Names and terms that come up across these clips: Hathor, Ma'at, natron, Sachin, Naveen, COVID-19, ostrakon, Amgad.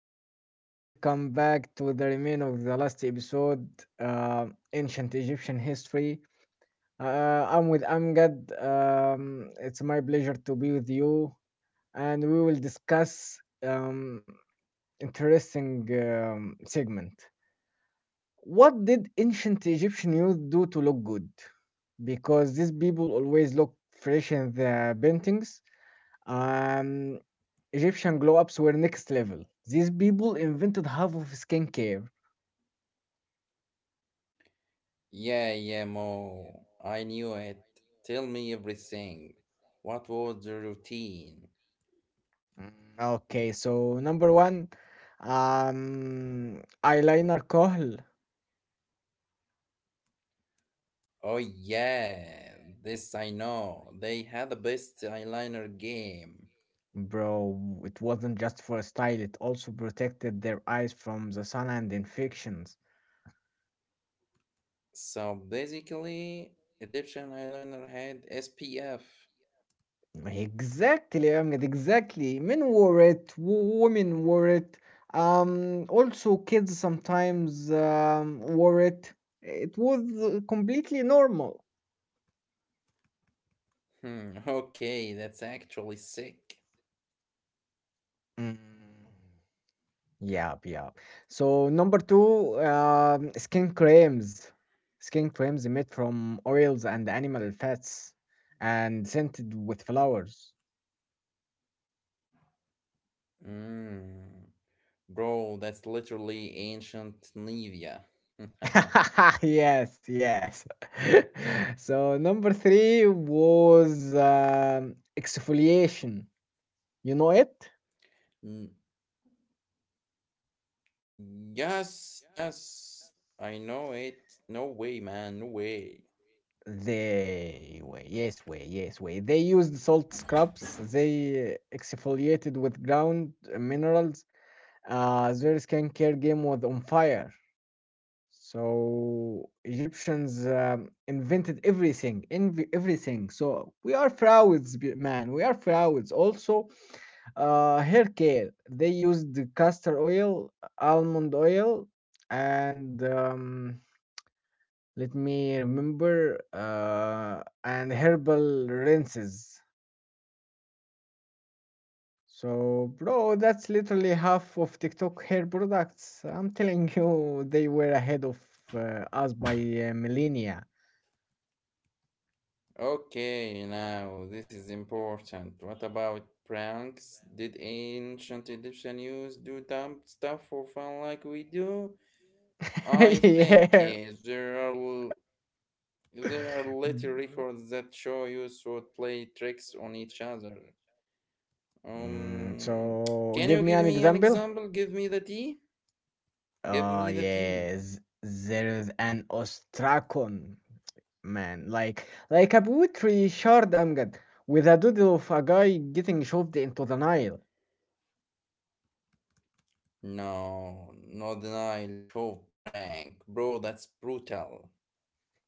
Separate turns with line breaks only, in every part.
guys. Welcome back to the remain of the last episode, uh, ancient Egyptian history. I'm with Amgad. It's my pleasure to be with you, and we will discuss interesting segment. What did ancient Egyptian youth do to look good? Because these people always look fresh in their paintings. Um, Egyptian glow ups were next level. These people invented half of skincare.
Yeah, yeah, Mo. I knew it. Tell me everything. What was the routine?
Mm. Okay, so number one, eyeliner kohl.
Oh, yeah, this I know. They had the best eyeliner game.
Bro, it wasn't just for style, it also protected their eyes from the sun and infections.
So basically, Egyptian eyeliner had SPF.
Exactly, Ahmed, exactly. Men wore it, women wore it, also kids sometimes wore it. It was completely normal.
Okay, that's actually sick.
Mm. Yeah, yeah. So number two, skin creams. Skin creams made from oils and animal fats and scented with flowers.
Mm, bro, that's literally ancient Nivea.
Yes, yes. So number three was exfoliation. You know it?
N- Mm, yes, yes, I know it. No way, man, no way.
They were, yes, way, yes, way. They used salt scrubs. They exfoliated with ground minerals, their skincare game was on fire. So Egyptians invented everything, everything. So we are frauds, man. We are frauds. Also, hair care. They used the castor oil, almond oil, and let me remember, and herbal rinses. So, bro, that's literally half of TikTok hair products. I'm telling you, they were ahead of us by millennia.
Okay, now this is important. What about pranks? Did ancient Egyptian use do dumb stuff for fun like we do? I think
Yeah.
yes. There are later
B-
records that show youths would play tricks on each other.
Mm,
Um,
so,
can you
give me
give
an
me an
example.
example? Give me the tea. Give
Oh
me the tea.
yes, there is an ostrakon, man, like a poetry shard, Amjad, with a doodle of a guy getting shoved into the Nile.
No, Northern Nile Chove prank. Bro, that's brutal.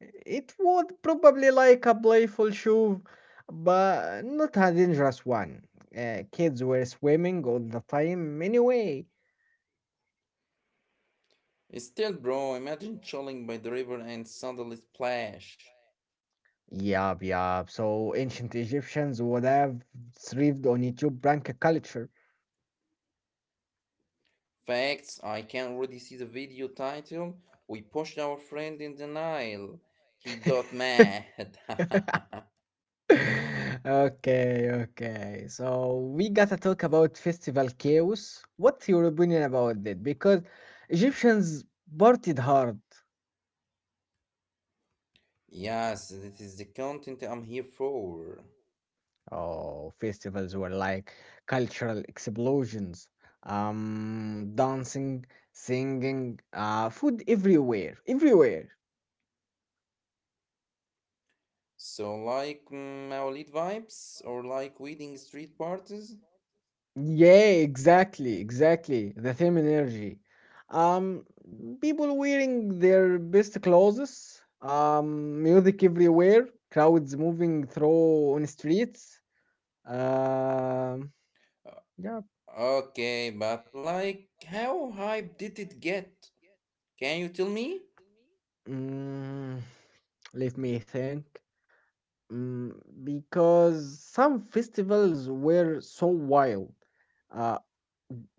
It would probably like a playful shove, but not a dangerous one. Kids were swimming all the time anyway.
Still, bro, imagine chilling by the river and suddenly splash.
Yup, yup. So ancient Egyptians would have thrived on YouTube prank culture.
Facts, I can already see the video title. We pushed our friend in the Nile. He got mad.
Okay, okay. So we gotta talk about festival chaos. What's your opinion about that? Because Egyptians partied hard.
Yes, this is the content I'm here for.
Oh, festivals were like cultural explosions. Dancing, singing, food everywhere, everywhere.
So, like mm, Maulid vibes or like wedding street parties?
Yeah, exactly, exactly. The same energy. Um, People wearing their best clothes, music everywhere, crowds moving through on streets. Um,
Uh,
yeah.
Okay, but like, how hype did it get? Can you tell me?
Mm, let me think. Mm, because some festivals were so wild uh,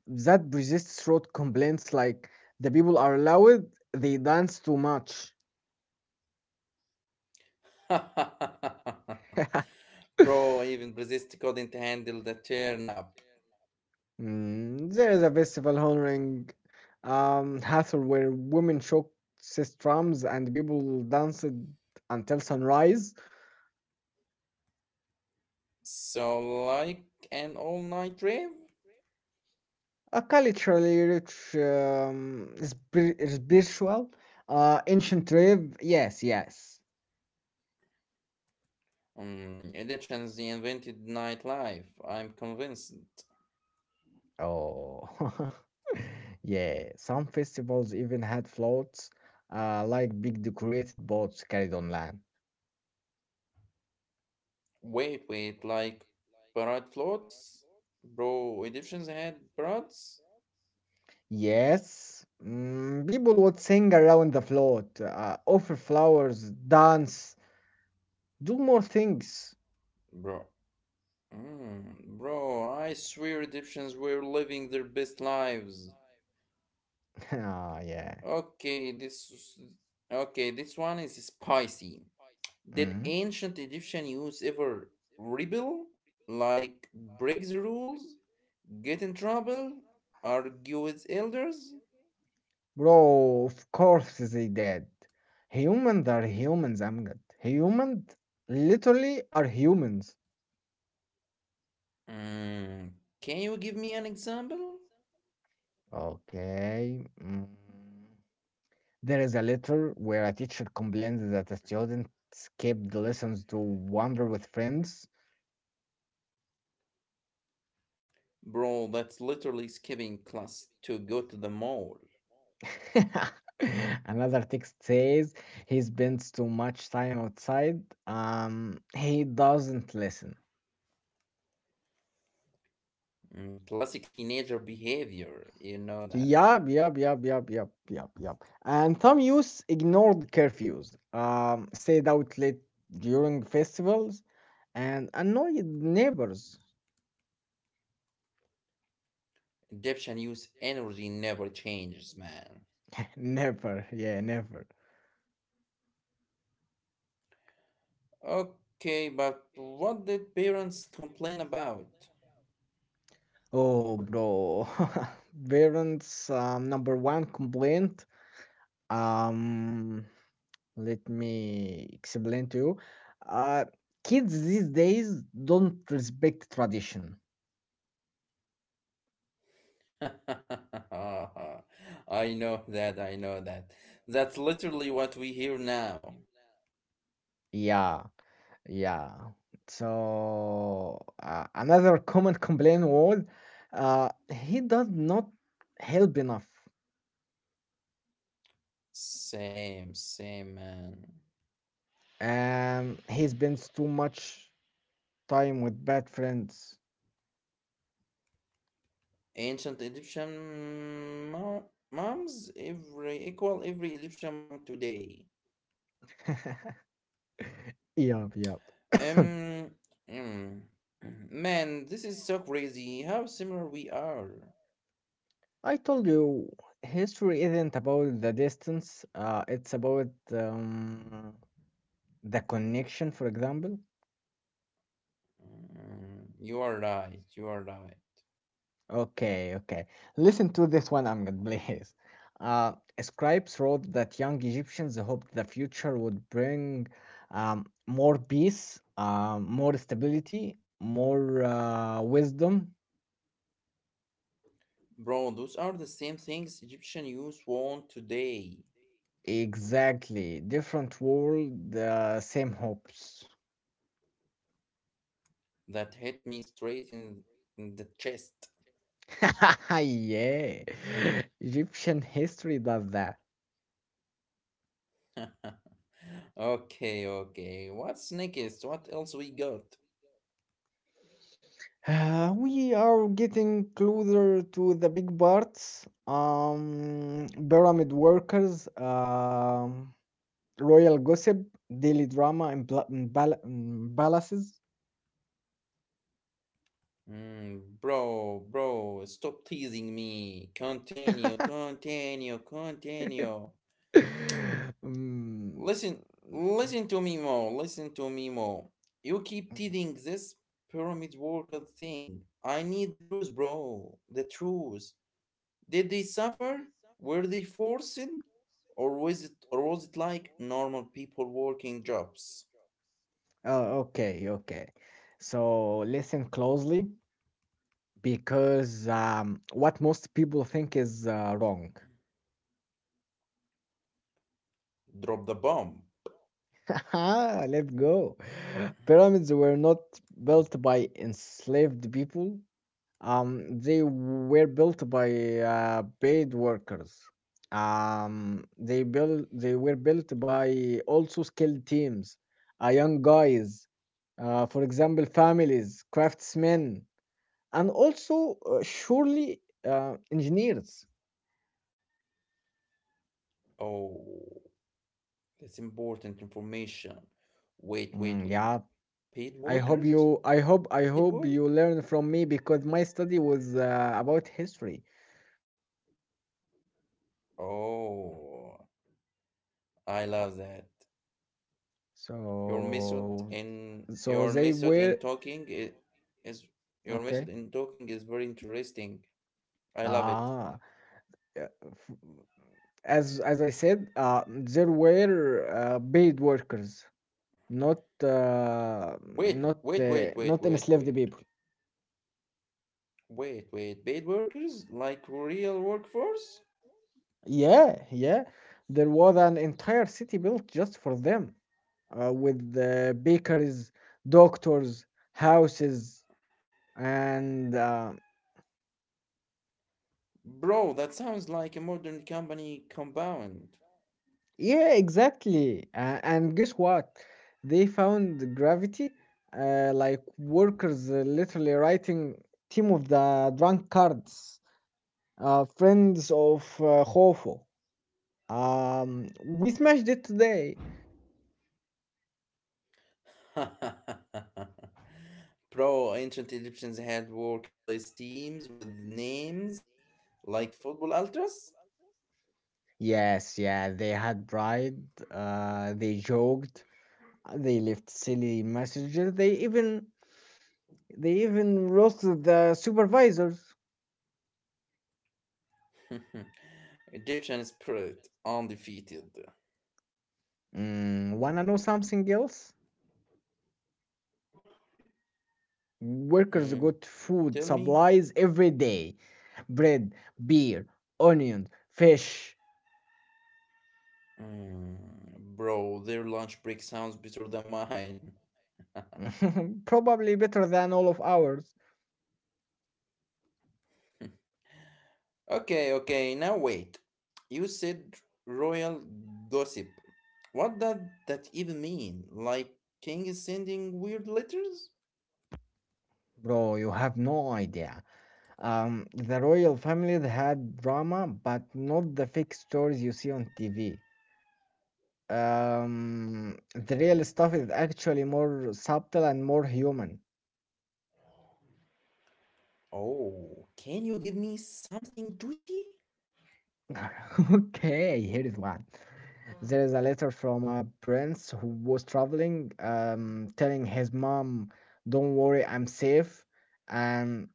that resists road complaints like the people are loud, they dance too much.
Bro, even Brzezinski couldn't handle the turn up.
Mm, there is a festival honoring Hathor where women shook drums and people danced until sunrise.
So, like an all night rave?
A culturally rich, spiritual, ancient rave. Yes, yes.
Mm, elections invented nightlife, I'm convinced.
Oh, yeah. Some festivals even had floats, like big decorated boats carried on land.
Wait, wait, like parade floats? Bro, Egyptians had parades?
Yes, mm, people would sing around the float, offer flowers, dance, do more things.
Bro, mm, bro, I swear Egyptians were living their best lives.
Ah, yeah.
Okay, this, okay, this one is spicy. Did
Mm.
ancient Egyptian youth ever rebel? Like, break the rules? Get in trouble? Argue with elders?
Bro, of course they did. Humans are humans, Amgad. Humans literally are humans.
Mm, can you give me an example?
Okay. Mm. There is a letter where a teacher complains that a student skipped the lessons to wander with friends.
Bro, that's literally skipping class to go to the mall.
Another text says he spends too much time outside. He doesn't listen.
Mm, classic teenager behavior, you know that.
Yup, yup, yup, yup, yup, yup, yup. And some youth ignored curfews, stayed out late during festivals, and annoyed neighbors.
Egyptian youth energy never changes, man.
Never, yeah, never.
Okay, but what did parents complain about?
Oh, bro. Parents' number one complaint. Um, Let me explain to you. Uh, Kids these days don't respect tradition.
I know that, I know that. That's literally what we hear now.
Yeah, yeah. So another common complaint was, he does not help enough,
Same, same, man.
and he spends too much time with bad friends.
Ancient Egyptian moms, every equal every Egyptian mom today.
Yup, yup.
Um, mm, man, this is so crazy. How similar we are.
I told you, history isn't about the distance. It's about the connection, for example.
Mm, you are right. You are right,
Okay, okay. Listen to this one, Amgad, please. Uh, Scribes wrote that young Egyptians hoped the future would bring more peace, more stability, more wisdom.
bro. Those are the same things Egyptian youth want today.
Exactly. Different world, same hopes.
That hit me straight In the chest.
Yeah. Egyptian history does that.
Okay, okay. What's next? What else we got?
We are getting closer to the big parts. Pyramid workers, royal gossip, daily drama, and and balances.
Mm, bro, stop teasing me. Continue, continue, continue.
Mm.
Listen, Listen to me more. Listen to me more. You keep teasing this pyramid worker thing. I need the truth, bro. The truth. Did they suffer? Were they forced? Or was it like normal people working jobs?
Oh, okay, okay. So listen closely because what most people think is wrong.
Drop the bomb.
Ah, let's go. Pyramids were not built by enslaved people. They were built by paid workers. They were built by also skilled teams, young guys, for example, families, craftsmen, and also surely engineers.
Oh, that's important information. Wait, wait,
Mm,
wait.
yeah,
Paid
I hope
workers?
you I hope I
Paid
hope
work?
you learn from me because my study was about history.
Oh, I love that.
So so
Your
they
method
were
in talking is Your
Okay.
method in talking is very interesting. I love it.
Ah, yeah, as I said, there were paid workers, not uh,
Wait,
not
wait, wait,
uh,
wait,
not
wait,
enslaved
wait.
people.
Wait, wait, paid workers? Like real workforce?
Yeah, yeah. There was an entire city built just for them, with bakeries, doctors, houses, and
Bro, that sounds like a modern company compound.
yeah, exactly. And guess what? They found gravity, like workers literally writing "Team of the Drunkards," "Friends of Hofo." We smashed it today.
Bro, ancient Egyptians had workplace teams with names like football ultras?
Yes, yeah, they had pride. They joked. They left silly messages. They even roasted the supervisors.
Egyptian spirit, undefeated.
Mm, wanna know something else? Workers
Mm,
got food
tell me.
supplies every day: bread, beer, onions, fish.
Mm, bro, their lunch break sounds better than mine.
Probably better than all of ours,
Okay, okay, now wait. You said royal gossip. What does that even mean? Like king is sending weird letters?
bro. You have no idea. The royal family had drama, but not the fake stories you see on TV. The real stuff is actually more subtle and more human.
Oh, can you give me something juicy?
Okay, here is one. There is a letter from a prince who was traveling, telling his mom, "Don't worry, I'm safe," and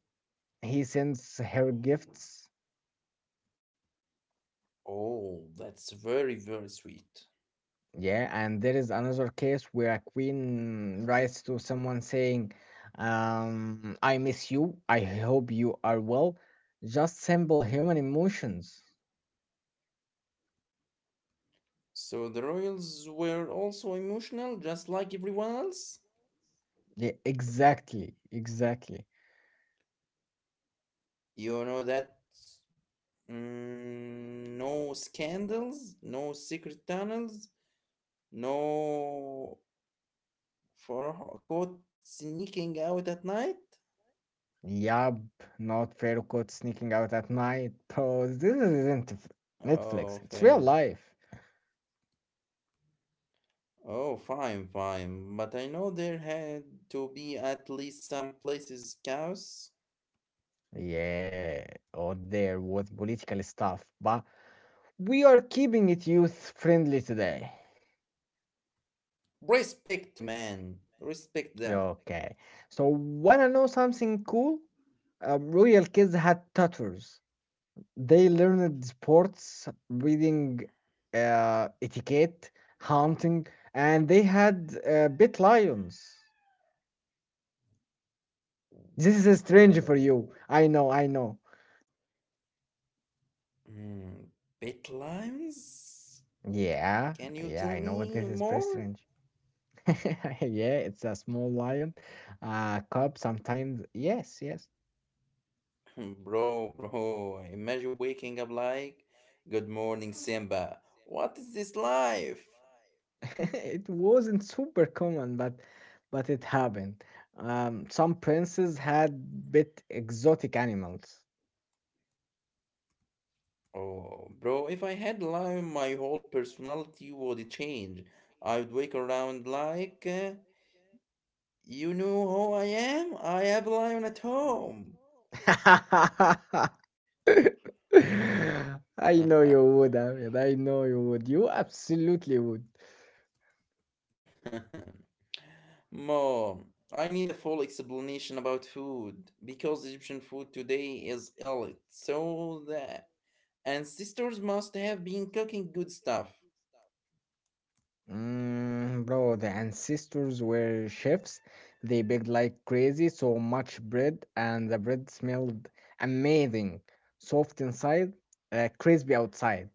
he sends her gifts.
Oh, that's very, very sweet.
Yeah, and there is another case where a queen writes to someone saying, "I miss you. I hope you are well." Just simple human emotions.
So the royals were also emotional, just like everyone else?
Yeah, exactly, exactly.
You know that. Mm, no scandals, no secret tunnels, no caught sneaking out at night?
Yup, not fair code sneaking out at night, bro. This isn't
Oh,
Netflix, it's real
fair.
life.
Oh, fine, fine. But I know there had to be at least some places cows.
Yeah, or there was political stuff, but we are keeping it youth friendly today.
Respect, man. Respect that.
Okay, so wanna know something cool? Royal kids had tattoos. They learned sports, reading, etiquette, hunting, and they had bit lions. This is strange for you.
Oh,
I know, I know.
hmm. Pet limes?
Yeah,
Can you tell
yeah, I know what
me
this is very
more?
strange. Yeah, it's a small lion, cub sometimes. Yes, yes.
Bro, bro. Imagine waking up like, good morning, Simba. What is this life?
It wasn't super common, but it happened. Some princes had bit exotic animals.
Oh, bro, if I had lime, my whole personality would change. I'd wake around like, you know who
You
I am? I
know
have lime at
who I am? I am
home.
who I am at all. I know you would, Ahmed. I know you would. You absolutely would.
Mom, I need a full explanation about food because Egyptian food today is elite. So
so,
the
so
ancestors must have been cooking good stuff.
Mm, bro, the ancestors were chefs. They baked like crazy, so much bread, and the bread smelled amazing. Soft inside, crispy outside.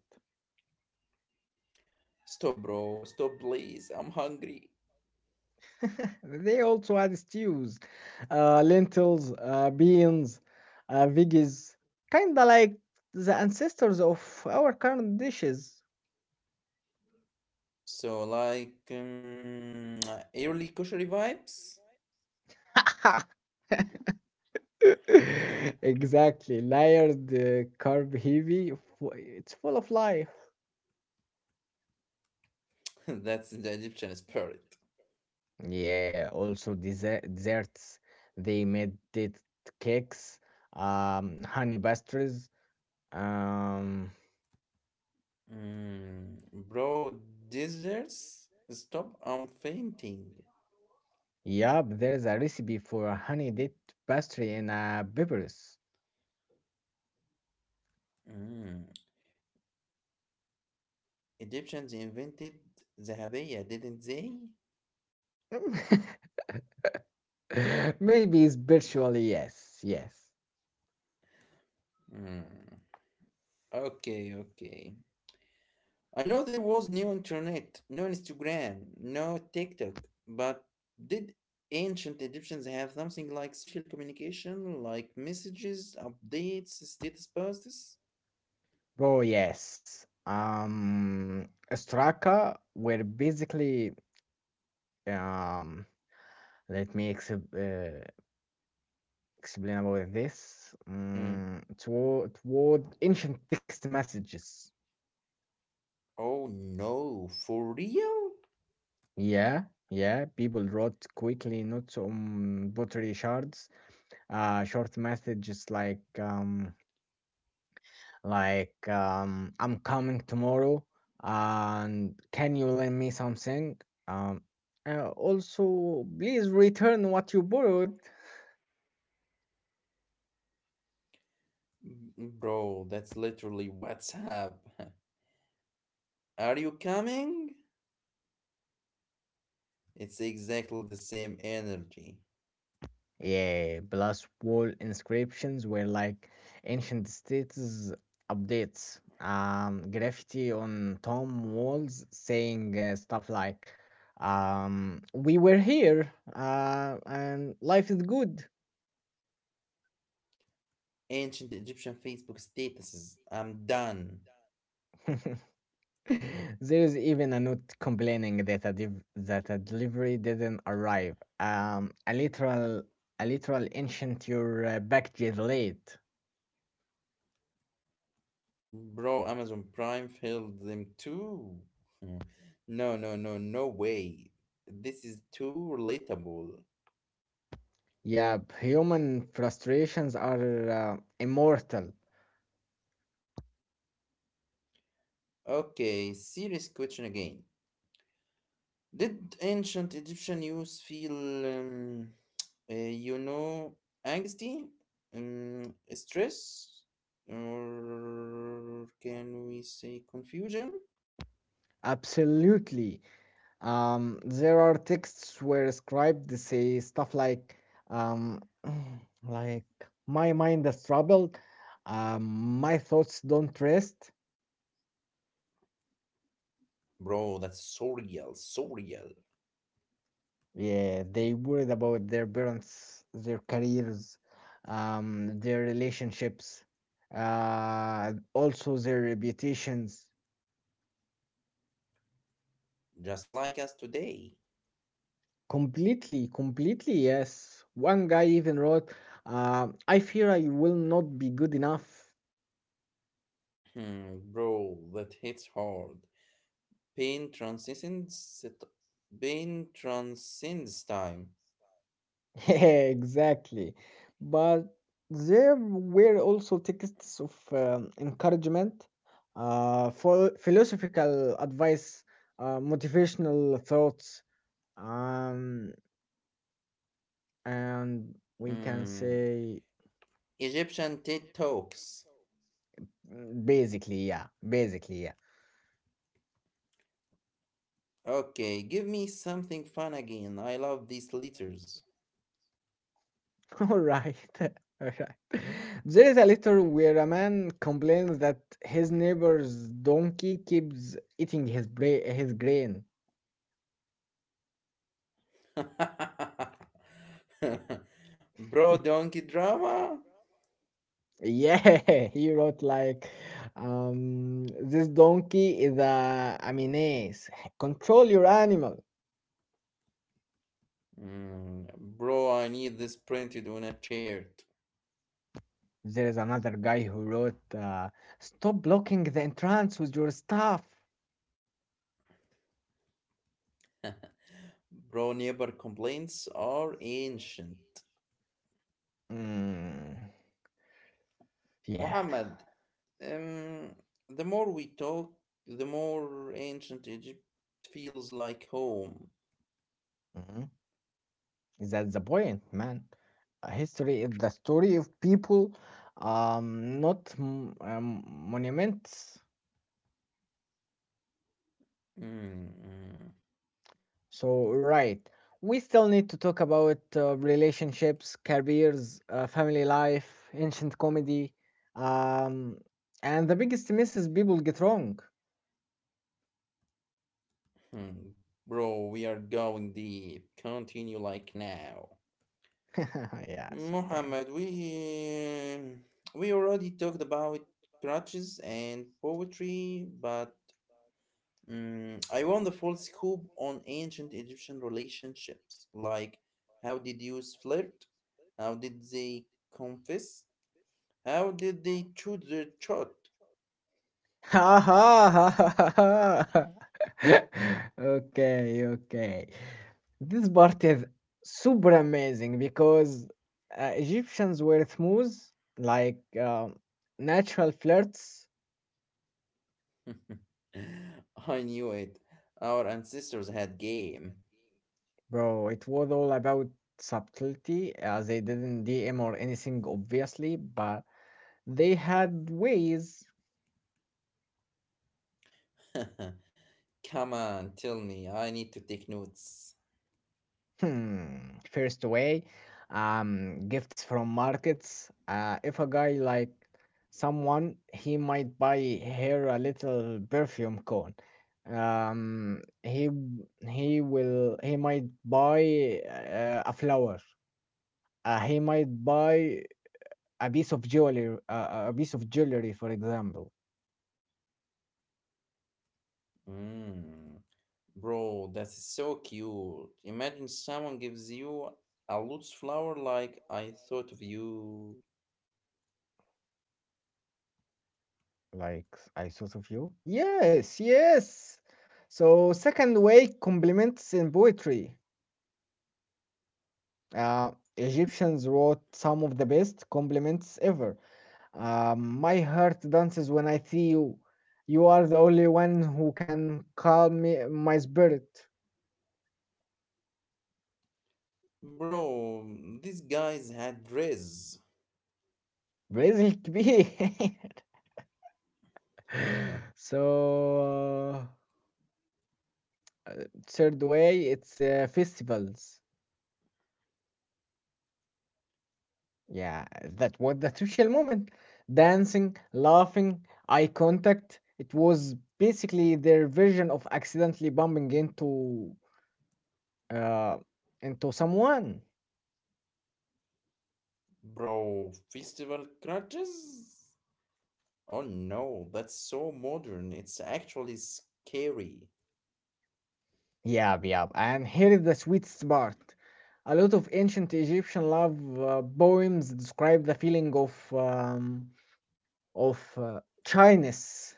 Stop, bro. Stop, please. I'm hungry.
They also had stews, lentils, beans, veggies, kinda like the ancestors of our current dishes.
So, like, early kosher vibes?
Exactly, layered, carb heavy. It's full of life.
That's the Egyptian spirit.
Yeah, also dessert, desserts. They made it cakes, honey pastries. Um,
Mm, bro, desserts? Stop, I'm fainting.
yep, there is a recipe for a honey date pastry in Belarus.
Mm, Egyptians invented the habaya, didn't they?
Maybe spiritually, yes, yes.
Mm, okay, okay. I know there was no internet, no Instagram, no TikTok, but did ancient Egyptians have something like social communication, like messages, updates, status posts?
Oh, yes. Straka were basically, um, let me explain. Explain about this.
Mm.
Mm, toward ancient text messages.
Oh no, for real?
Yeah, yeah. People wrote quickly notes on pottery shards. Short messages like I'm coming tomorrow, and can you lend me something? Um, Also, please return what you borrowed.
Bro, that's literally WhatsApp. Are you coming? It's exactly the same energy.
Yeah, plus wall inscriptions were like ancient status updates. Graffiti on tomb walls saying stuff like, "We were here, and life is good."
Ancient Egyptian Facebook statuses. I'm done.
There is even a note complaining that a delivery didn't arrive. A literal a literal ancient your package is late.
Bro, Amazon Prime failed them too. Mm. No, no, no, no way. This is too relatable.
Yeah, human frustrations are immortal.
Okay, serious question again. Did ancient Egyptian use feel. You know, anxiety, um, stress, or can we say confusion?
Absolutely. There are texts where scribes say stuff like, um, like my mind is troubled, my thoughts don't rest.
Bro, that's so real, so real.
Yeah, they worried about their parents, their careers, their relationships, also their reputations.
Just like us today.
Completely, completely, yes. One guy even wrote, I fear I will not be good enough.
Hmm, bro, that hits hard. Pain transcends it- Pain transcends time.
Exactly. But there were also texts of encouragement, for philosophical advice, motivational thoughts, um, and we can
Hmm,
say
Egyptian TED Talks.
mm, basically, yeah, basically, yeah.
Okay, give me something fun again. I love these letters.
All right. All right. There is a letter where a man complains that his neighbor's donkey keeps eating his grain.
Bro, donkey drama?
Yeah, he wrote like, this donkey is a menace. Control your animal.
Mm, bro, I need this printed on a chart.
There is another guy who wrote, stop blocking the entrance with your stuff.
Bro, neighbor complaints are ancient.
Mm, yeah.
Muhammad, um, the more we talk, the more ancient Egypt feels like home.
Mm-hmm. That's the point, man. History is the story of people, not monuments.
Mm, mm,
So, right, we still need to talk about relationships, careers, family life, ancient comedy, um, and the biggest miss is people get wrong.
mm. Bro, we are going deep. Continue like now.
Yes, okay.
Muhammad, we We already talked about crutches and poetry, but mm, I want the full scoop on ancient Egyptian relationships. Like, how did youths flirt? How did they confess? How did they shoot their shot?
Ha ha ha ha ha. Ha. Okay, okay. This part is super amazing because Egyptians were smooth, like um natural flirts.
I knew it. Our ancestors had game.
Bro, it was all about subtlety. They didn't DM or anything, obviously, but they had ways.
Come on, tell me. I need to take notes.
Hmm. First way, gifts from markets. If a guy like someone, he might buy her a little perfume cone. Um, he he might buy a flower. He might buy a piece of jewelry, a piece of jewelry, for example.
Mm. Bro, that's so cute. Imagine someone gives you a lotus flower like I thought of you.
Like I thought of you? Yes, yes. So, second way, compliments in poetry. Uh, Egyptians wrote some of the best compliments ever. My heart dances when I see you. You are the only one who can calm me, my spirit.
Bro, these guys had dress.
Brazil it be. So, uh, third way, it's festivals. Yeah, that was the social moment. Dancing, laughing, eye contact. It was basically their version of accidentally bumping uh into someone.
Bro, festival crutches? Oh no, that's so modern. It's actually scary.
Yeah, yeah. And here is the sweetest part. A lot of ancient Egyptian love poems describe the feeling of shyness.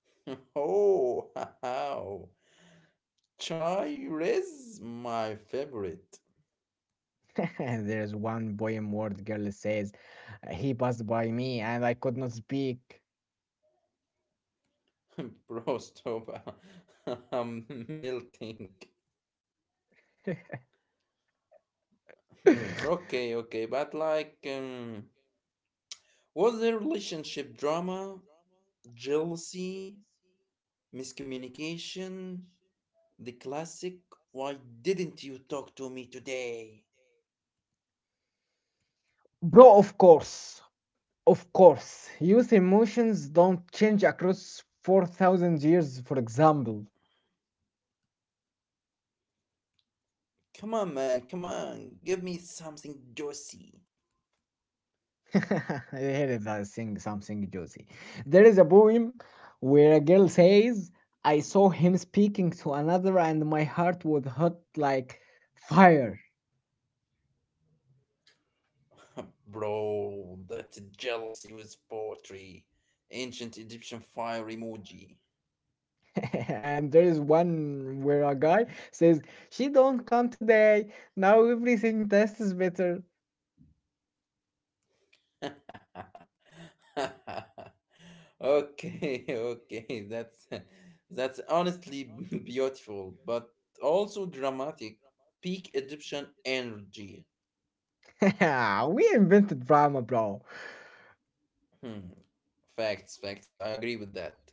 Oh, how? Chai res? My favorite.
There's one poem where the girl says, "He passed by me and I could not speak."
Bro, stop. I'm melting. Hmm. Okay, okay. But like, was there relationship drama, jealousy, miscommunication, the classic? Why didn't you talk to me today?
Bro, of course. Of course. Youth emotions don't change across 4,000 years, for example.
Come on, man. Come on. Give me something juicy.
Here is a thing, something juicy. There is a poem where a girl says, I saw him speaking to another and my heart was hot like fire.
Bro, that jealousy was poetry. Ancient Egyptian fire emoji.
And there is one where a guy says, she don't come today. Now everything tastes better.
Okay, that's honestly beautiful, but also dramatic. Peak Egyptian energy.
We invented drama, bro.
Hmm. Facts, facts. I agree with that.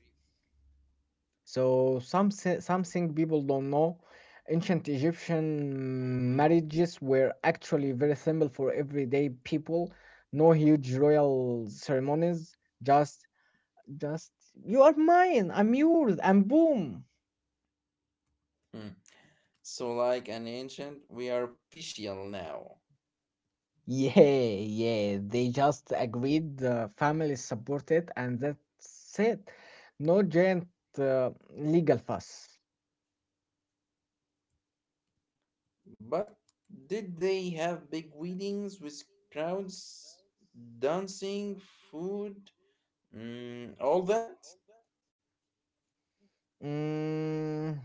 So something people don't know, ancient Egyptian marriages were actually very simple for everyday people. No huge royal ceremonies, just just you are mine, I'm yours, and boom.
Hmm. So, like an ancient, we are official now.
Yeah, yeah, they just agreed, the family supported, and that's it. No giant legal fuss.
But did they have big weddings with crowds, dancing, food, mm, all that?
Mm,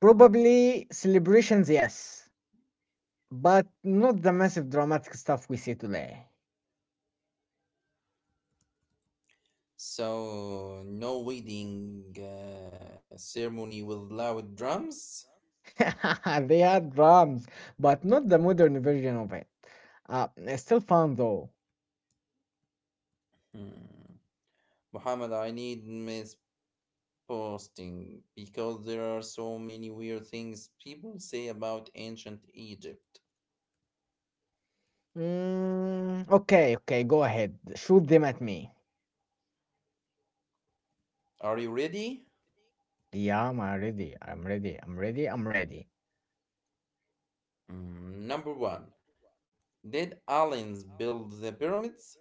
probably celebrations, yes. But not the massive dramatic stuff we see today.
So, no wedding ceremony with loud drums?
They had drums, but not the modern version of it. Uh, Still fun though.
Hmm. Muhammad, I need miss posting because there are so many weird things people say about ancient Egypt.
Mm, okay, okay, go ahead. Shoot them at me.
Are you ready?
Yeah, I'm ready. I'm ready. I'm ready. I'm ready.
Hmm, number one, did aliens build the pyramids?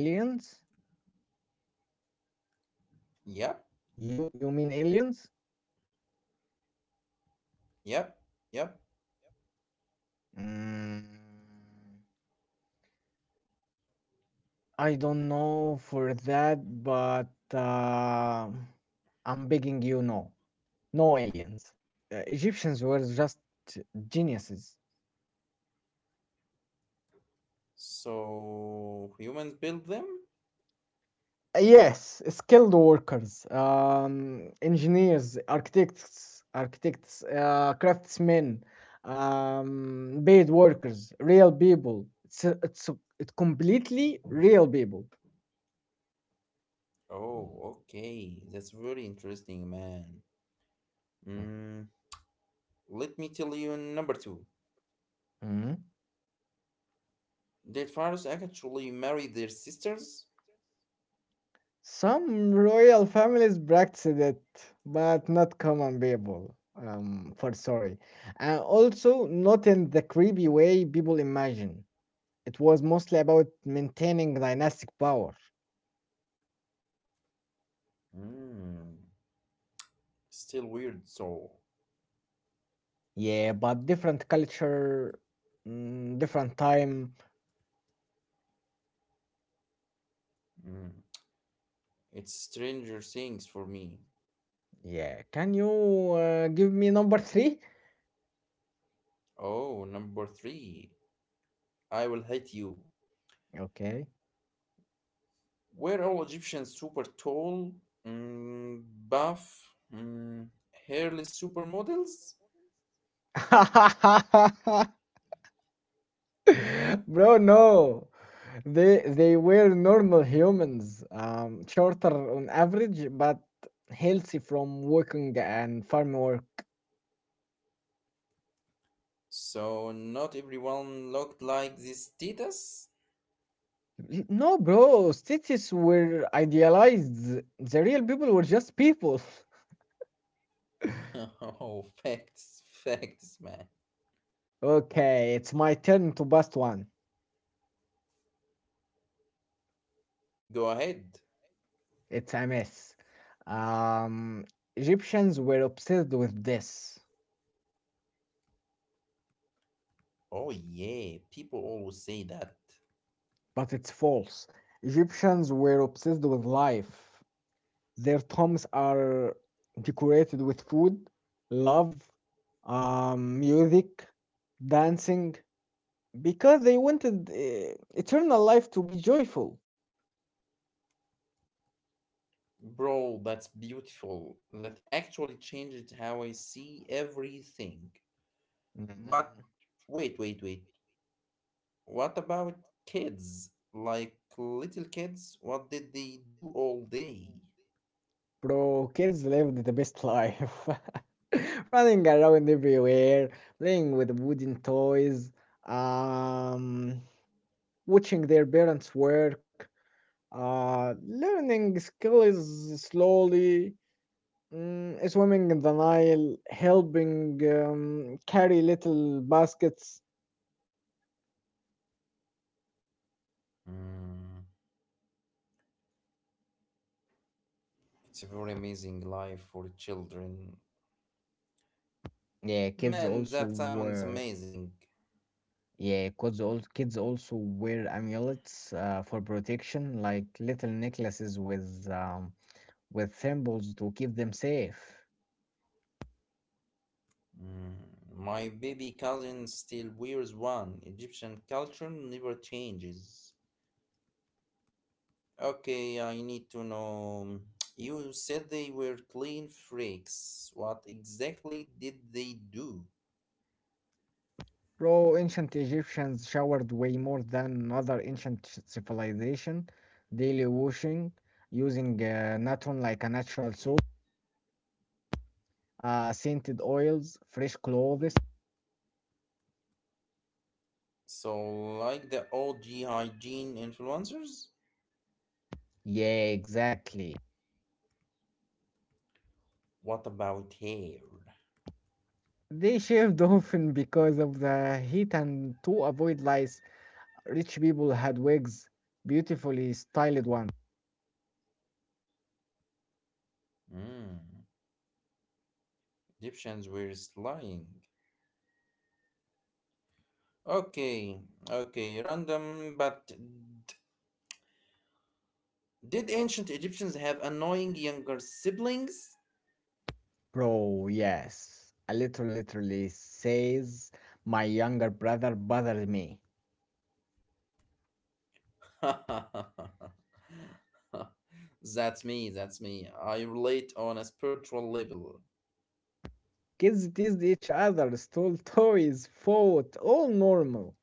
Aliens?
Yep,
You mean aliens?
yep, yep.
Mm, I don't know for that, but uh, I'm begging you no. No aliens. Egyptians were just geniuses.
So, humans built them?
Yes, skilled workers, engineers, architects, craftsmen, paid workers, real people. It completely real people.
Oh, okay. That's very interesting, man. Mm, let me tell you number two.
Mhm.
Did Faris actually marry their sisters?
Some royal families practiced it, but not common people. For sorry, and also not in the creepy way people imagine. It was mostly about maintaining dynastic power.
Hmm. Still weird, so.
Yeah, but different culture, different time.
Hmm. It's Stranger Things for me.
Yeah, can you give me number three?
Oh, number three. I will hate you.
Okay.
Were all Egyptians super tall? Mm, buff? Mm, hairless supermodels?
Bro, no. They were normal humans, shorter on average, but healthy from working and farm work.
So not everyone looked like this Titus?
No, bro, cities were idealized. The real people were just people.
Oh, facts, facts, man.
Okay, it's my turn to bust one.
Go ahead.
It's a mess. Um, Egyptians were obsessed with this,
Oh yeah, people always say that.
but it's false. Egyptians were obsessed with life. Their tombs are decorated with food, love, music, dancing, because they wanted eternal life to be joyful.
Bro, that's beautiful. That actually changes how I see everything. But
Mhm.
wait, wait, wait. What about kids? Like little kids? What did they do all day?
Bro, kids lived the best life. Running around everywhere, playing with wooden toys, um, watching their parents work, learning skills slowly, swimming in the Nile, helping carry little baskets.
Hmm, it's a very amazing life for children.
Yeah, kids
Man, that
also
sounds
were.
amazing.
Yeah, kids all kids also wear amulets for protection, like little necklaces with symbols to keep them safe.
Mm, my baby cousin still wears one. Egyptian culture never changes. Okay, I need to know. You said they were clean freaks. What exactly did they do?
Bro, ancient Egyptians showered way more than other ancient civilization, daily washing, using natron like a natural soap, scented oils, fresh clothes.
So, like the OG hygiene influencers?
Yeah, exactly.
What about hair?
They shaved often because of the heat and to avoid lice. Rich people had wigs, beautifully styled ones.
Hmm, Egyptians were slying. Okay, okay, random, but did ancient Egyptians have annoying younger siblings?
Bro, yes. A little literally says my younger brother bothered me.
That's me, that's me. I relate on a spiritual level.
Kids teased each other, stole toys, fought, all normal.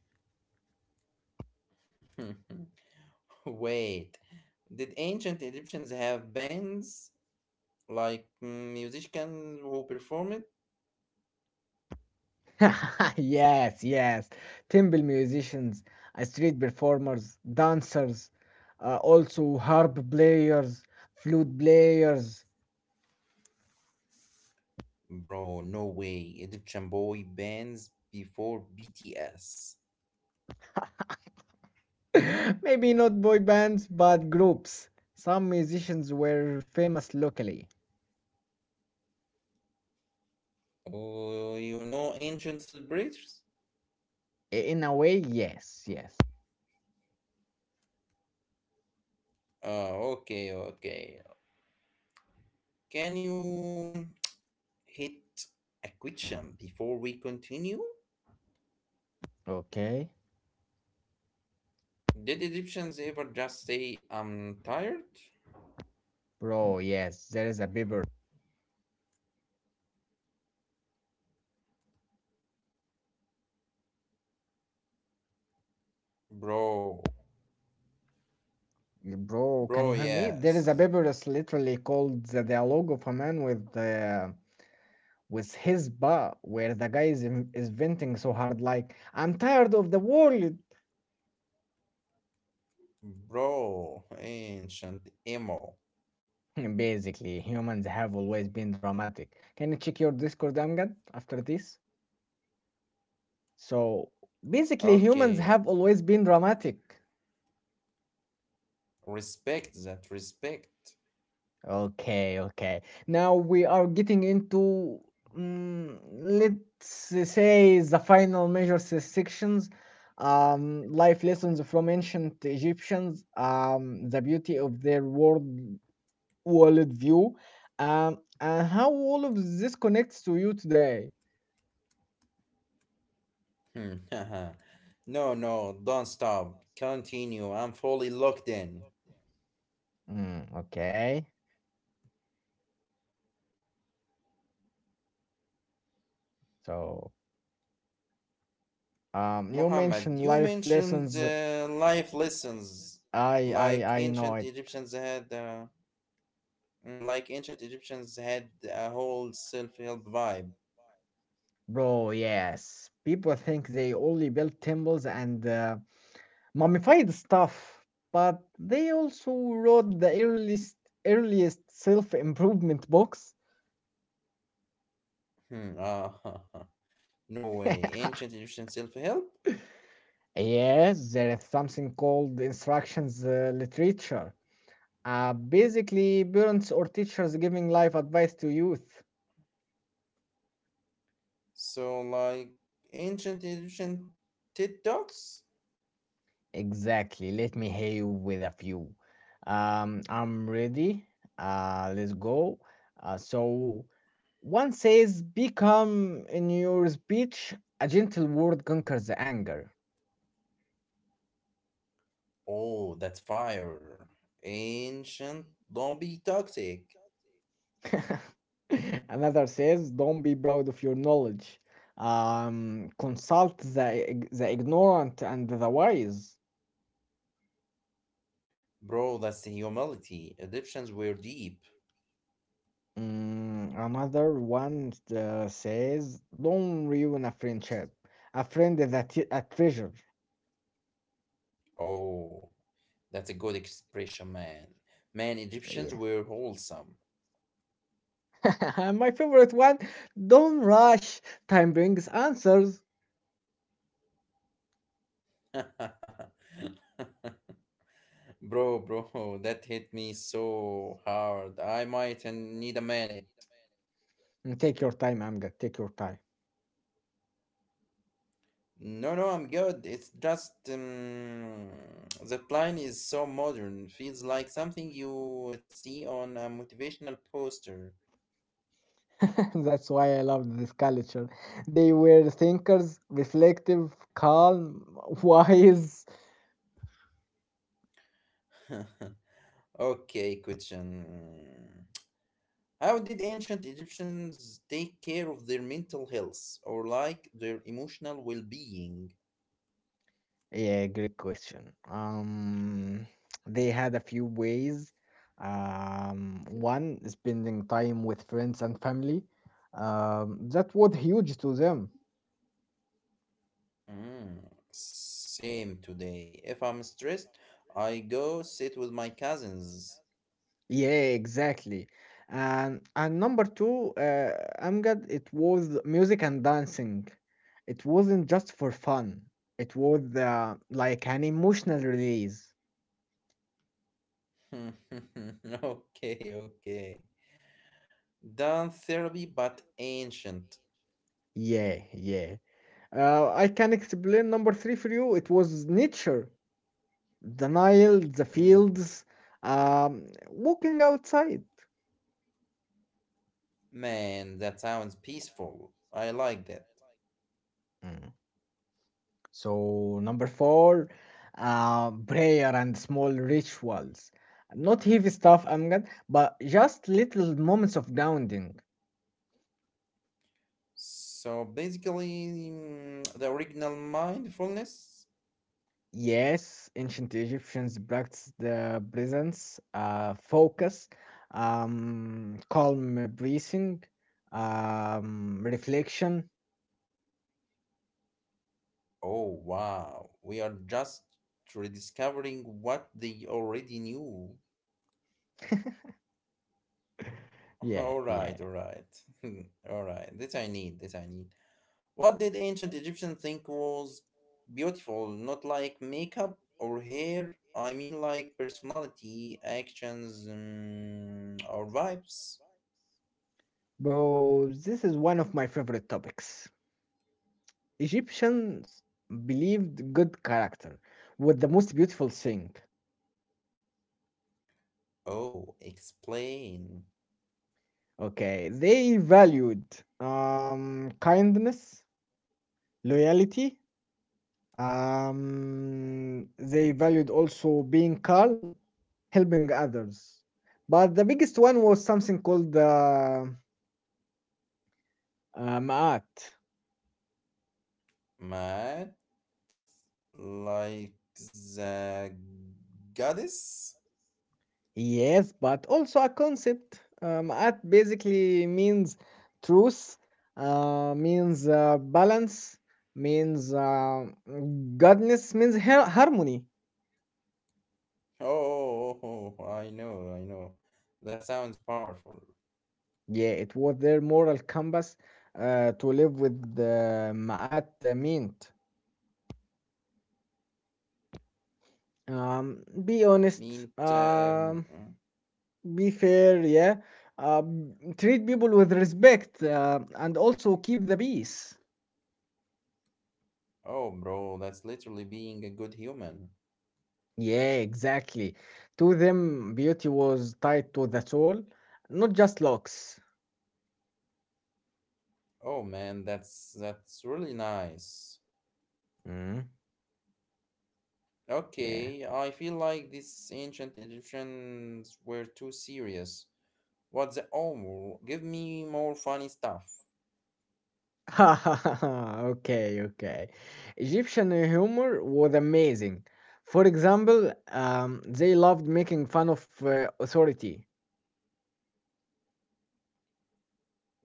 Wait, did ancient Egyptians have bands like mm, musicians who performed?
Yes, yes. Temple musicians, street performers, dancers, also harp players, flute players.
Bro, no way. Egyptian boy bands before BTS.
Maybe not boy bands, but groups. Some musicians were famous locally.
Oh, you know ancient celebrators?
In a way, yes, yes.
Oh, okay, okay. Can you hit a question before we continue?
Okay.
Did Egyptians ever just say, I'm tired?
Bro, yes, there is a paper.
Bro,
Yeah, bro,
bro,
can you hear me?
yes.
There is a papyrus literally called The Dialogue of a Man with his Ba, where the guy is venting so hard, like, I'm tired of the world.
Bro, ancient emo.
Basically, humans have always been dramatic. Can you check your Discord, Amgad, after this? So, basically, humans
Okay,
have always been dramatic.
respect that respect.
Okay, okay. Now we are getting into mm, let's say the final major sections, life lessons from ancient Egyptians, the beauty of their world view, and how all of this connects to you today.
Hmm, haha. No, no, don't stop. Continue. I'm fully locked in.
Mm, okay, so you
Muhammad,
mentioned
you
life
mentioned
lessons.
life lessons,
I
Like
I I know
ancient
it.
Egyptians had, like ancient Egyptians had a whole self-help vibe.
Bro, yes. People think they only built temples and mummified stuff, but they also wrote the earliest self-improvement books.
Hmm, ah, no way. Ancient Egyptian self-help.
Yes, there is something called instructions literature. Basically, parents or teachers giving life advice to youth.
So, like ancient Egyptian TED Talks.
Exactly. Let me hear you with a few. I'm ready. Let's go. So one says, "Become in your speech a gentle word conquers the anger."
Oh, that's fire. Ancient, don't be toxic.
Another says, "Don't be proud of your knowledge. Consult the ignorant and the wise."
Bro, that's the humility. Egyptians were deep.
Mm, another one says, "Don't ruin a friendship. A, friend is A treasure."
Oh, that's a good expression, man. Man, Egyptians
Yeah.
were wholesome.
And my favorite one. Don't rush. Time brings answers.
Bro, bro, that hit me so hard. I might and need a minute.
And take your time, Amjad. Take your time.
No, no, I'm good. It's just that line is so modern. Feels like something you would see on a motivational poster.
That's why I love this culture. They were thinkers, reflective, calm, wise.
Okay, question. How did ancient Egyptians take care of their mental health or like their emotional well being?
Yeah, great question. They had a few ways. One, spending time with friends and family. That was huge to them.
Mm, same today. If I'm stressed, I go sit with my cousins.
Yeah, exactly. And number two, Amjad, it was music and dancing. It wasn't just for fun. It was like an emotional release.
Okay, okay. Done therapy, but ancient.
Yeah, yeah. I can explain number three for you. It was nature, the Nile, the
Mm,
fields, walking outside.
man, that sounds peaceful. I like that.
Hmm. So, number four, prayer and small rituals. Not heavy stuff, Amgad, but just little moments of grounding.
So basically, mm, the original mindfulness.
Yes, ancient Egyptians practiced the presence, focus, calm breathing, reflection.
Oh, wow. We are just rediscovering what they already knew.
Yeah,
All right,
yeah.
all right. all right. This I need, this I need. What did ancient Egyptians think was beautiful? Not like makeup or hair. I mean, like personality, actions, mm, or vibes.
Bro, this is one of my favorite topics. Egyptians believed good character was the most beautiful thing.
Oh, explain.
Okay, they valued kindness, loyalty. They valued also being calm, helping others. But the biggest one was something called Ma'at.
Mad? Like the goddess?
Yes, but also a concept. Ma'at basically means truth, means balance, means goodness, means harmony.
Oh, oh, oh, I know, I know. That sounds powerful.
Yeah, it was their moral compass to live with the Ma'at meant. Be
Mean,
honest,
um, mm,
be fair, yeah. Treat people with respect and also keep the peace.
oh, bro, that's literally being a good human.
Yeah, exactly. To them, beauty was tied to the soul, not just looks.
Oh man, that's really nice.
Mm, yeah.
Okay, I feel like these ancient Egyptians were too serious. What the oh, give me more funny stuff.
Okay, okay. Egyptian humor was amazing. For example, they loved making fun of authority.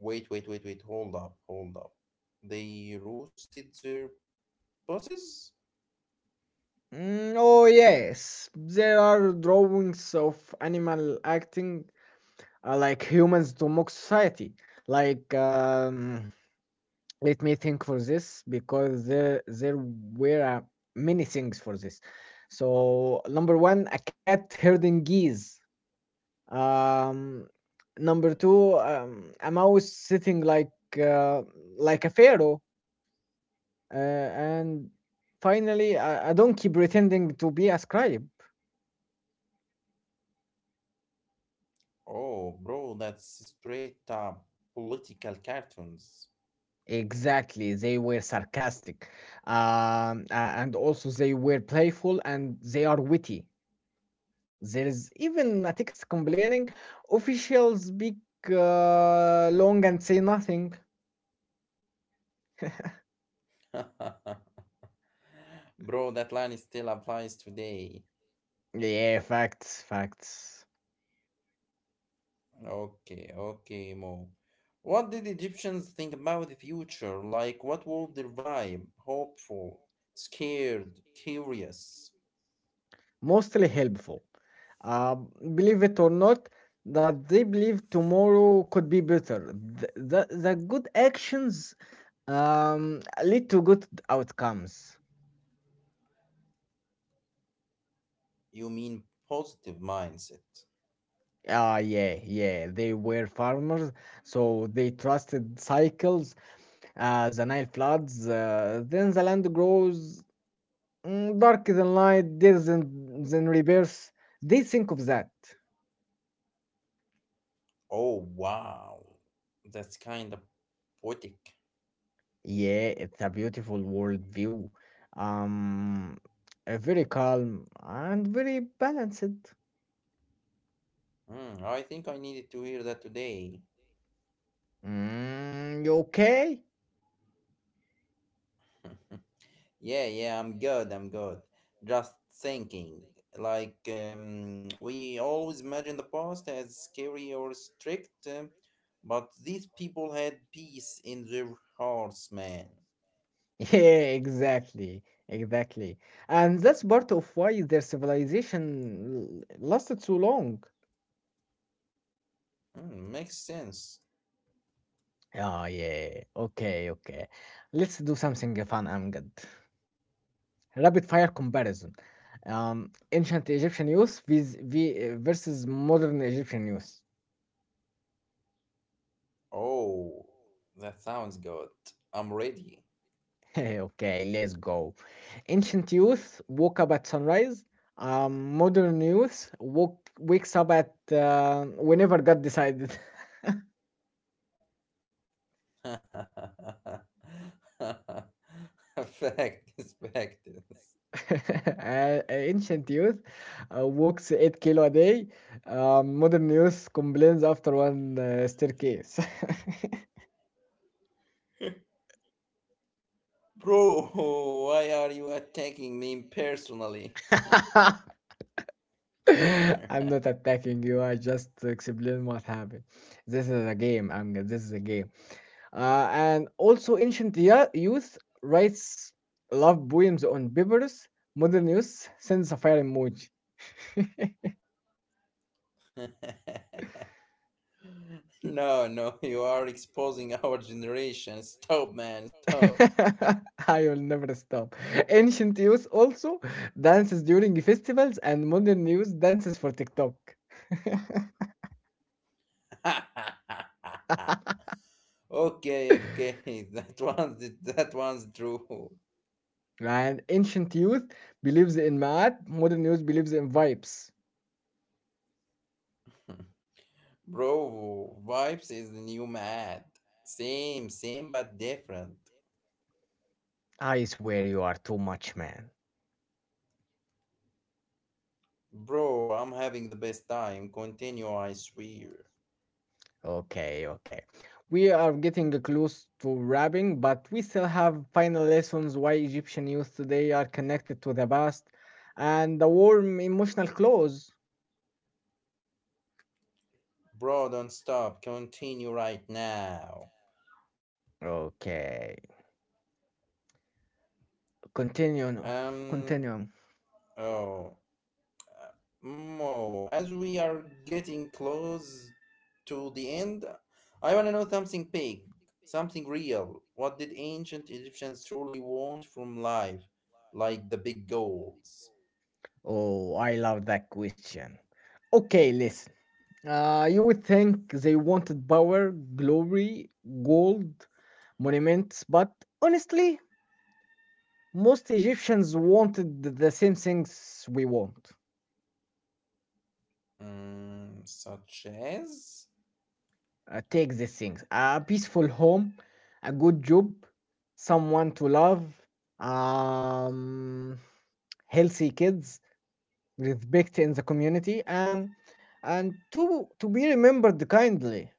Wait, wait, wait, wait. Hold up, hold up. They roasted their bosses?
Mm, oh, yes, there are drawings of animal acting like humans to mock society. Like, let me think for this because there were many things for this. So, number one, a cat herding geese. Um, Number two, I'm always sitting uh, like a pharaoh, and finally, I don't keep pretending to be a scribe.
Oh, bro, that's straight up political cartoons.
Exactly, they were sarcastic, and also they were playful and they are witty. There is even a text complaining officials speak long and say nothing.
Bro, that line still applies today.
Yeah, facts, facts.
Okay, okay, Mo. What did Egyptians think about the future? Like, what was their vibe? Hopeful, scared, curious.
Mostly helpful. Uh, Believe it or not, that they believe tomorrow could be better. The good actions lead to good outcomes.
You mean positive mindset?
Ah, yeah, yeah. They were farmers, so they trusted cycles. The Nile floods, then the land grows darker than light, days than rebirth. They think of that.
Oh, wow. That's kind of poetic.
Yeah, it's a beautiful world view. Um, Very calm and very balanced.
Hmm, I think I needed to hear that today.
Mm, you okay?
Yeah, yeah, I'm good. I'm good. Just thinking, we always imagine the past as scary or strict, but these people had peace in their hearts, man.
Yeah, exactly, exactly. And that's part of why their civilization lasted so long.
Mm, makes sense.
Oh yeah, okay, okay. Let's do something fun and good. Rapid fire comparison. Ancient Egyptian youth versus modern Egyptian youth.
Oh, that sounds good. I'm ready.
Okay, let's go. Ancient youth woke up at sunrise. Modern youth woke wakes up at whenever God decided.
Fact, factors.
Ancient youth walks 8 km a day. Modern youth complains after one staircase.
Bro, why are you attacking me personally?
I'm not attacking you. I just explain what happened. This is a game. I'm this is a game. And also, ancient youth writes love poems on papers. Modern youth sends a fire emoji.
No, no, you are exposing our generation. Stop, man, stop.
I will never stop. Ancient youth also dances during festivals, and modern youth dances for TikTok.
okay, okay, that one's true.
And ancient youth believes in math, modern youth believes in vibes.
Bro, vibes is the new mad. Same, same but different.
I swear you are too much, man.
Bro, I'm having the best time. Continue, I swear.
Okay, okay. We are getting close to wrapping, but we still have final lessons why Egyptian youth today are connected to the past and the warm emotional close.
Bro, don't stop. Continue right now.
Okay, continue, no,
Um.
continue.
Oh. Mo, as we are getting close to the end, I want to know something big, something real. What did ancient Egyptians truly want from life? Like the big goals?
Oh, I love that question. Okay, listen. You would think they wanted power, glory, gold, monuments, but honestly, most Egyptians wanted the same things we want.
Mm, such as?
Take these things: a peaceful home, a good job, someone to love, um, healthy kids, respect in the community, and to be remembered kindly.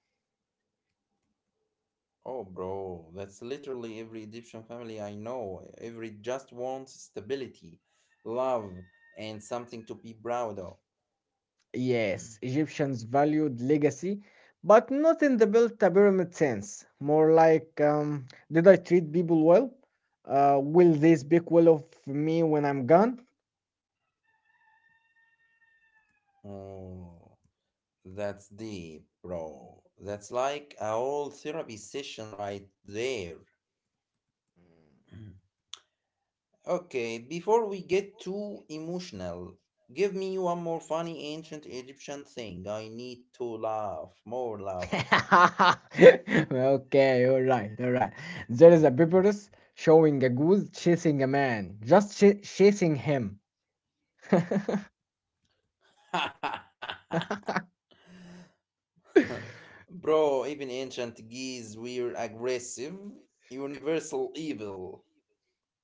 Oh, bro, that's literally every Egyptian family I know. Every just wants stability, love, and something to be proud of.
Yes, Egyptians valued legacy, but not in the built a pyramid sense. More like, did I treat people well? Will they speak well of me when I'm gone?
Oh. That's deep, bro. That's like a whole therapy session right there. okay, before we get too emotional, give me one more funny ancient Egyptian thing. I need to laugh, more laugh.
Okay, all right, all right. There is a papyrus showing a goose chasing a man, just chasing him.
Bro, even ancient geese were aggressive. Universal evil.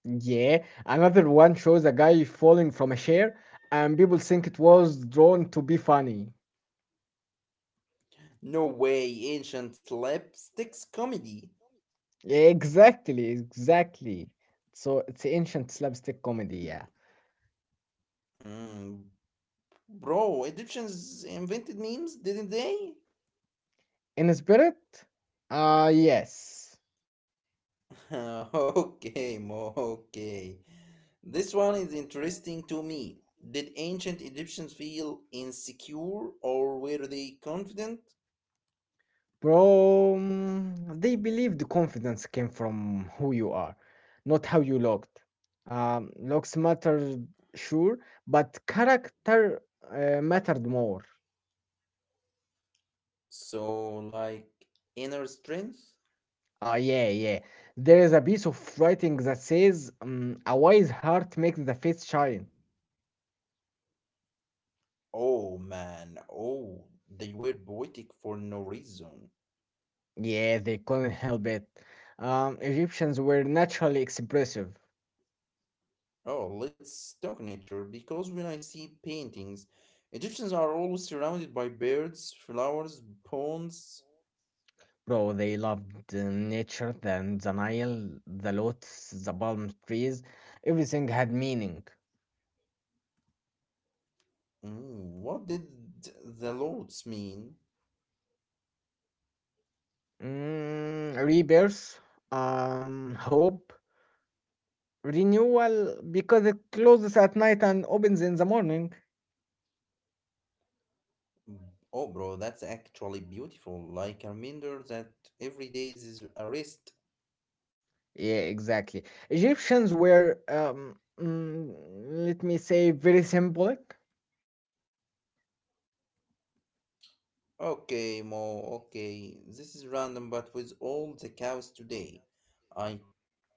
Yeah, another one shows a guy falling from a chair, and people think it was drawn to be funny.
No way, ancient slapsticks comedy.
Exactly, exactly. So it's ancient slapstick comedy, yeah.
Mm, bro, Egyptians invented memes, didn't they?
In spirit? Ah, yes.
okay, Mo, okay. This one is interesting to me. Did ancient Egyptians feel insecure or were they confident?
Bro, they believe the confidence came from who you are, not how you looked. Looks mattered, sure, but character mattered more.
So, like inner strength?
Ah, yeah, yeah. There is a piece of writing that says, a wise heart makes the face shine.
Oh man, oh, they were poetic for no reason.
Yeah, they couldn't help it. Egyptians were naturally expressive,
Oh, let's talk nature because when I see paintings, Egyptians are always surrounded by birds, flowers, ponds.
bro. They loved nature, then the Nile, the lotus, the palm trees. Everything had meaning.
Mm, what did the Lords mean?
Mm, rebirth, hope, renewal, because it closes at night and opens in the morning.
Oh, bro, that's actually beautiful. Like a reminder that every day is a rest.
Yeah, exactly. Egyptians were, mm, let me say, very symbolic.
Okay, Mo, okay. This is random, but with all the cows today, I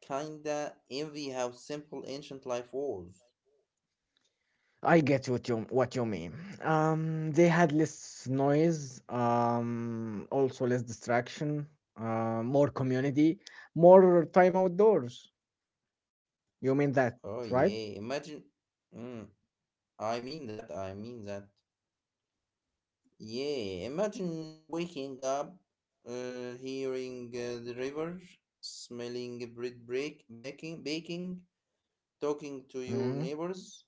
kinda envy how simple ancient life was.
I get what you mean. They had less noise, also less distraction, more community, more time outdoors. You mean that,
Oh,
right?
yeah. Imagine. Mm, I mean that. Yeah, imagine waking up, hearing the river, smelling bread break, baking, baking, talking to your
Mm.
neighbors.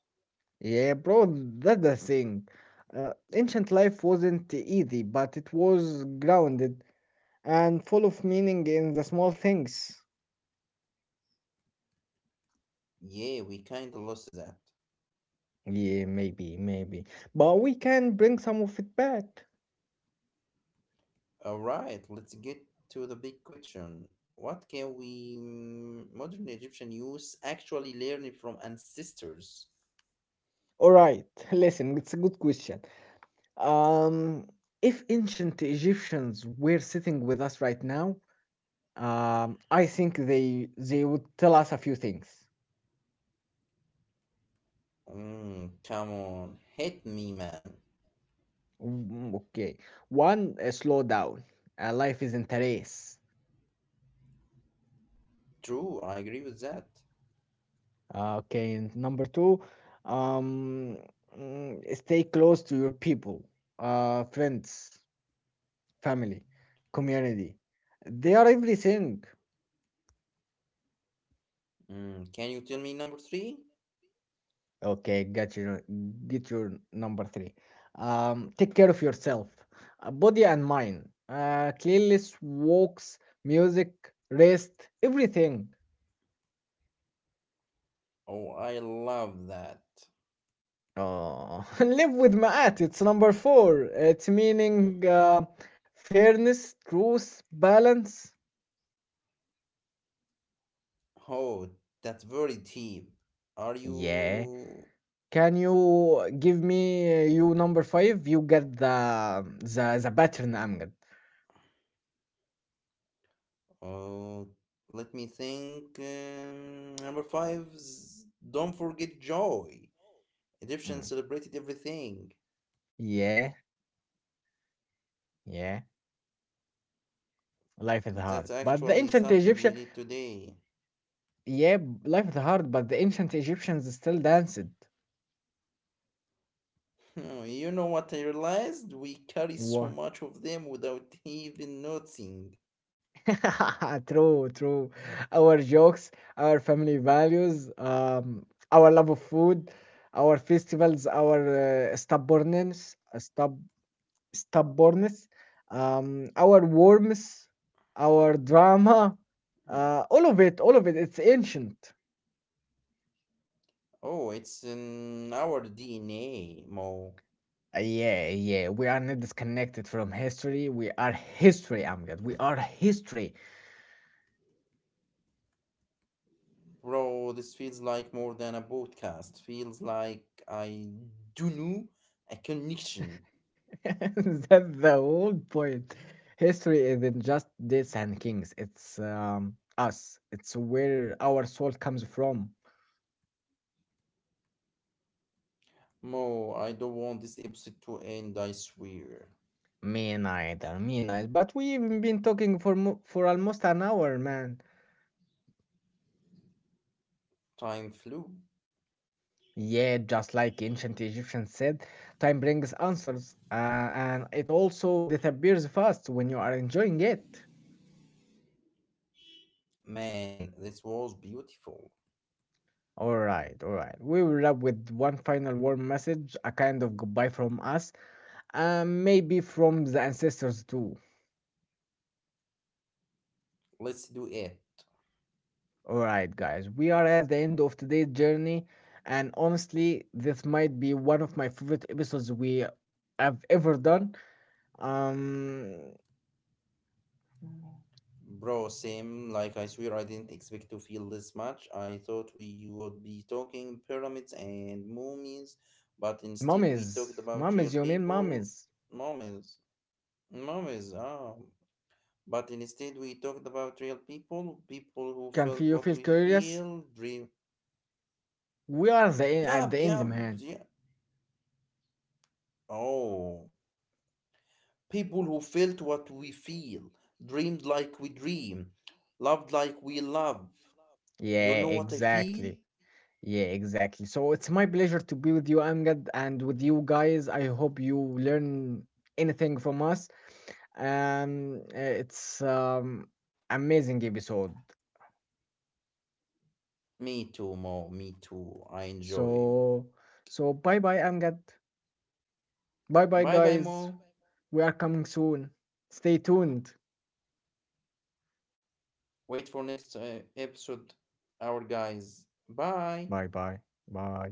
Yeah, bro, that's the thing. Ancient life wasn't easy, but it was grounded and full of meaning in the small things.
Yeah, we kinda lost that.
Yeah, maybe, maybe. But we can bring some of it back.
Alright, let's get to the big question. What can we modern Egyptian youth actually learn from ancestors?
All right, listen, it's a good question. Um, if ancient Egyptians were sitting with us right now, I think they would tell us a few things.
Mm, come on, hit me, man.
Mm, okay, one, slow down. Life isn't a race.
True, I agree with that.
Okay, and number two, um, stay close to your people, friends, family, community. They are everything.
Mm, can you tell me number 3?
Okay, got your get your number three. Take care of yourself, body and mind. Cleanliness, walks, music, rest, everything.
Oh, I love that.
Oh, and live with Maat. It's number four. It's meaning fairness, truth, balance.
Oh, that's very deep. Are
Yeah.
you?
Can you give me you number five? You get the the pattern, Amgad.
Oh, let me think. Number 5, is don't forget joy.
Mm.
Egyptians celebrated everything.
Yeah, yeah. Life is
That's
hard, but the
actually
ancient
something we
Egyptian.
need today.
Yeah, life is hard, but the ancient Egyptians still danced.
Hmm, you know what I realized? We carry so
What?
much of them without even noticing.
True, true. Our jokes, our family values, our love of food, our festivals, our stubbornness, stubbornness, our warmth, our drama,
Hmm.
all of it, all of it. It's ancient.
Oh, it's in our DNA, Mo.
Yeah, yeah. We are not disconnected from history. We are history, Amjad. We are history.
Bro, this feels like more than a podcast. Feels like I do know a connection.
That's the whole point. History isn't just dates and kings. It's us. It's where our soul comes from.
Mo, I don't want this episode to end, I swear.
Me neither, me neither. But we've been talking for for almost an hour, man.
Time flew.
Yeah, just like ancient Egyptians said, time brings answers, and it also disappears fast when you are enjoying it.
Man, this was beautiful.
All right, all right. We will wrap with one final warm message, a kind of goodbye from us, and maybe from the ancestors too.
Let's do it.
Alright, guys, we are at the end of today's journey, and honestly, this might be one of my favorite episodes we have ever done. Um,
Bro, same, like I swear I didn't expect to feel this much. I thought we would be talking pyramids and mummies, but instead we
mummies,
talked about real
mummies, you mean
people.
mummies?
Mummies. Mummies, ah. But instead, we talked about real people, people who
Can
felt what
feel
we
curious?
feel, dream.
We are at
Yeah,
the end,
yeah,
man.
yeah. Oh, people who felt what we feel, dreamed like we dream, loved like we love. You
Yeah,
know what I feel?
exactly. Yeah, exactly. So it's my pleasure to be with you, Amgad, and with you guys. I hope you learn anything from us. It's amazing episode.
Me too, Mo. Me too. I enjoy.
So bye bye, Amgad. Bye bye,
Bye bye,
guys.
Mo.
We are coming soon. Stay tuned.
Wait for next episode, our guys.
Bye
Bye.
bye. Bye.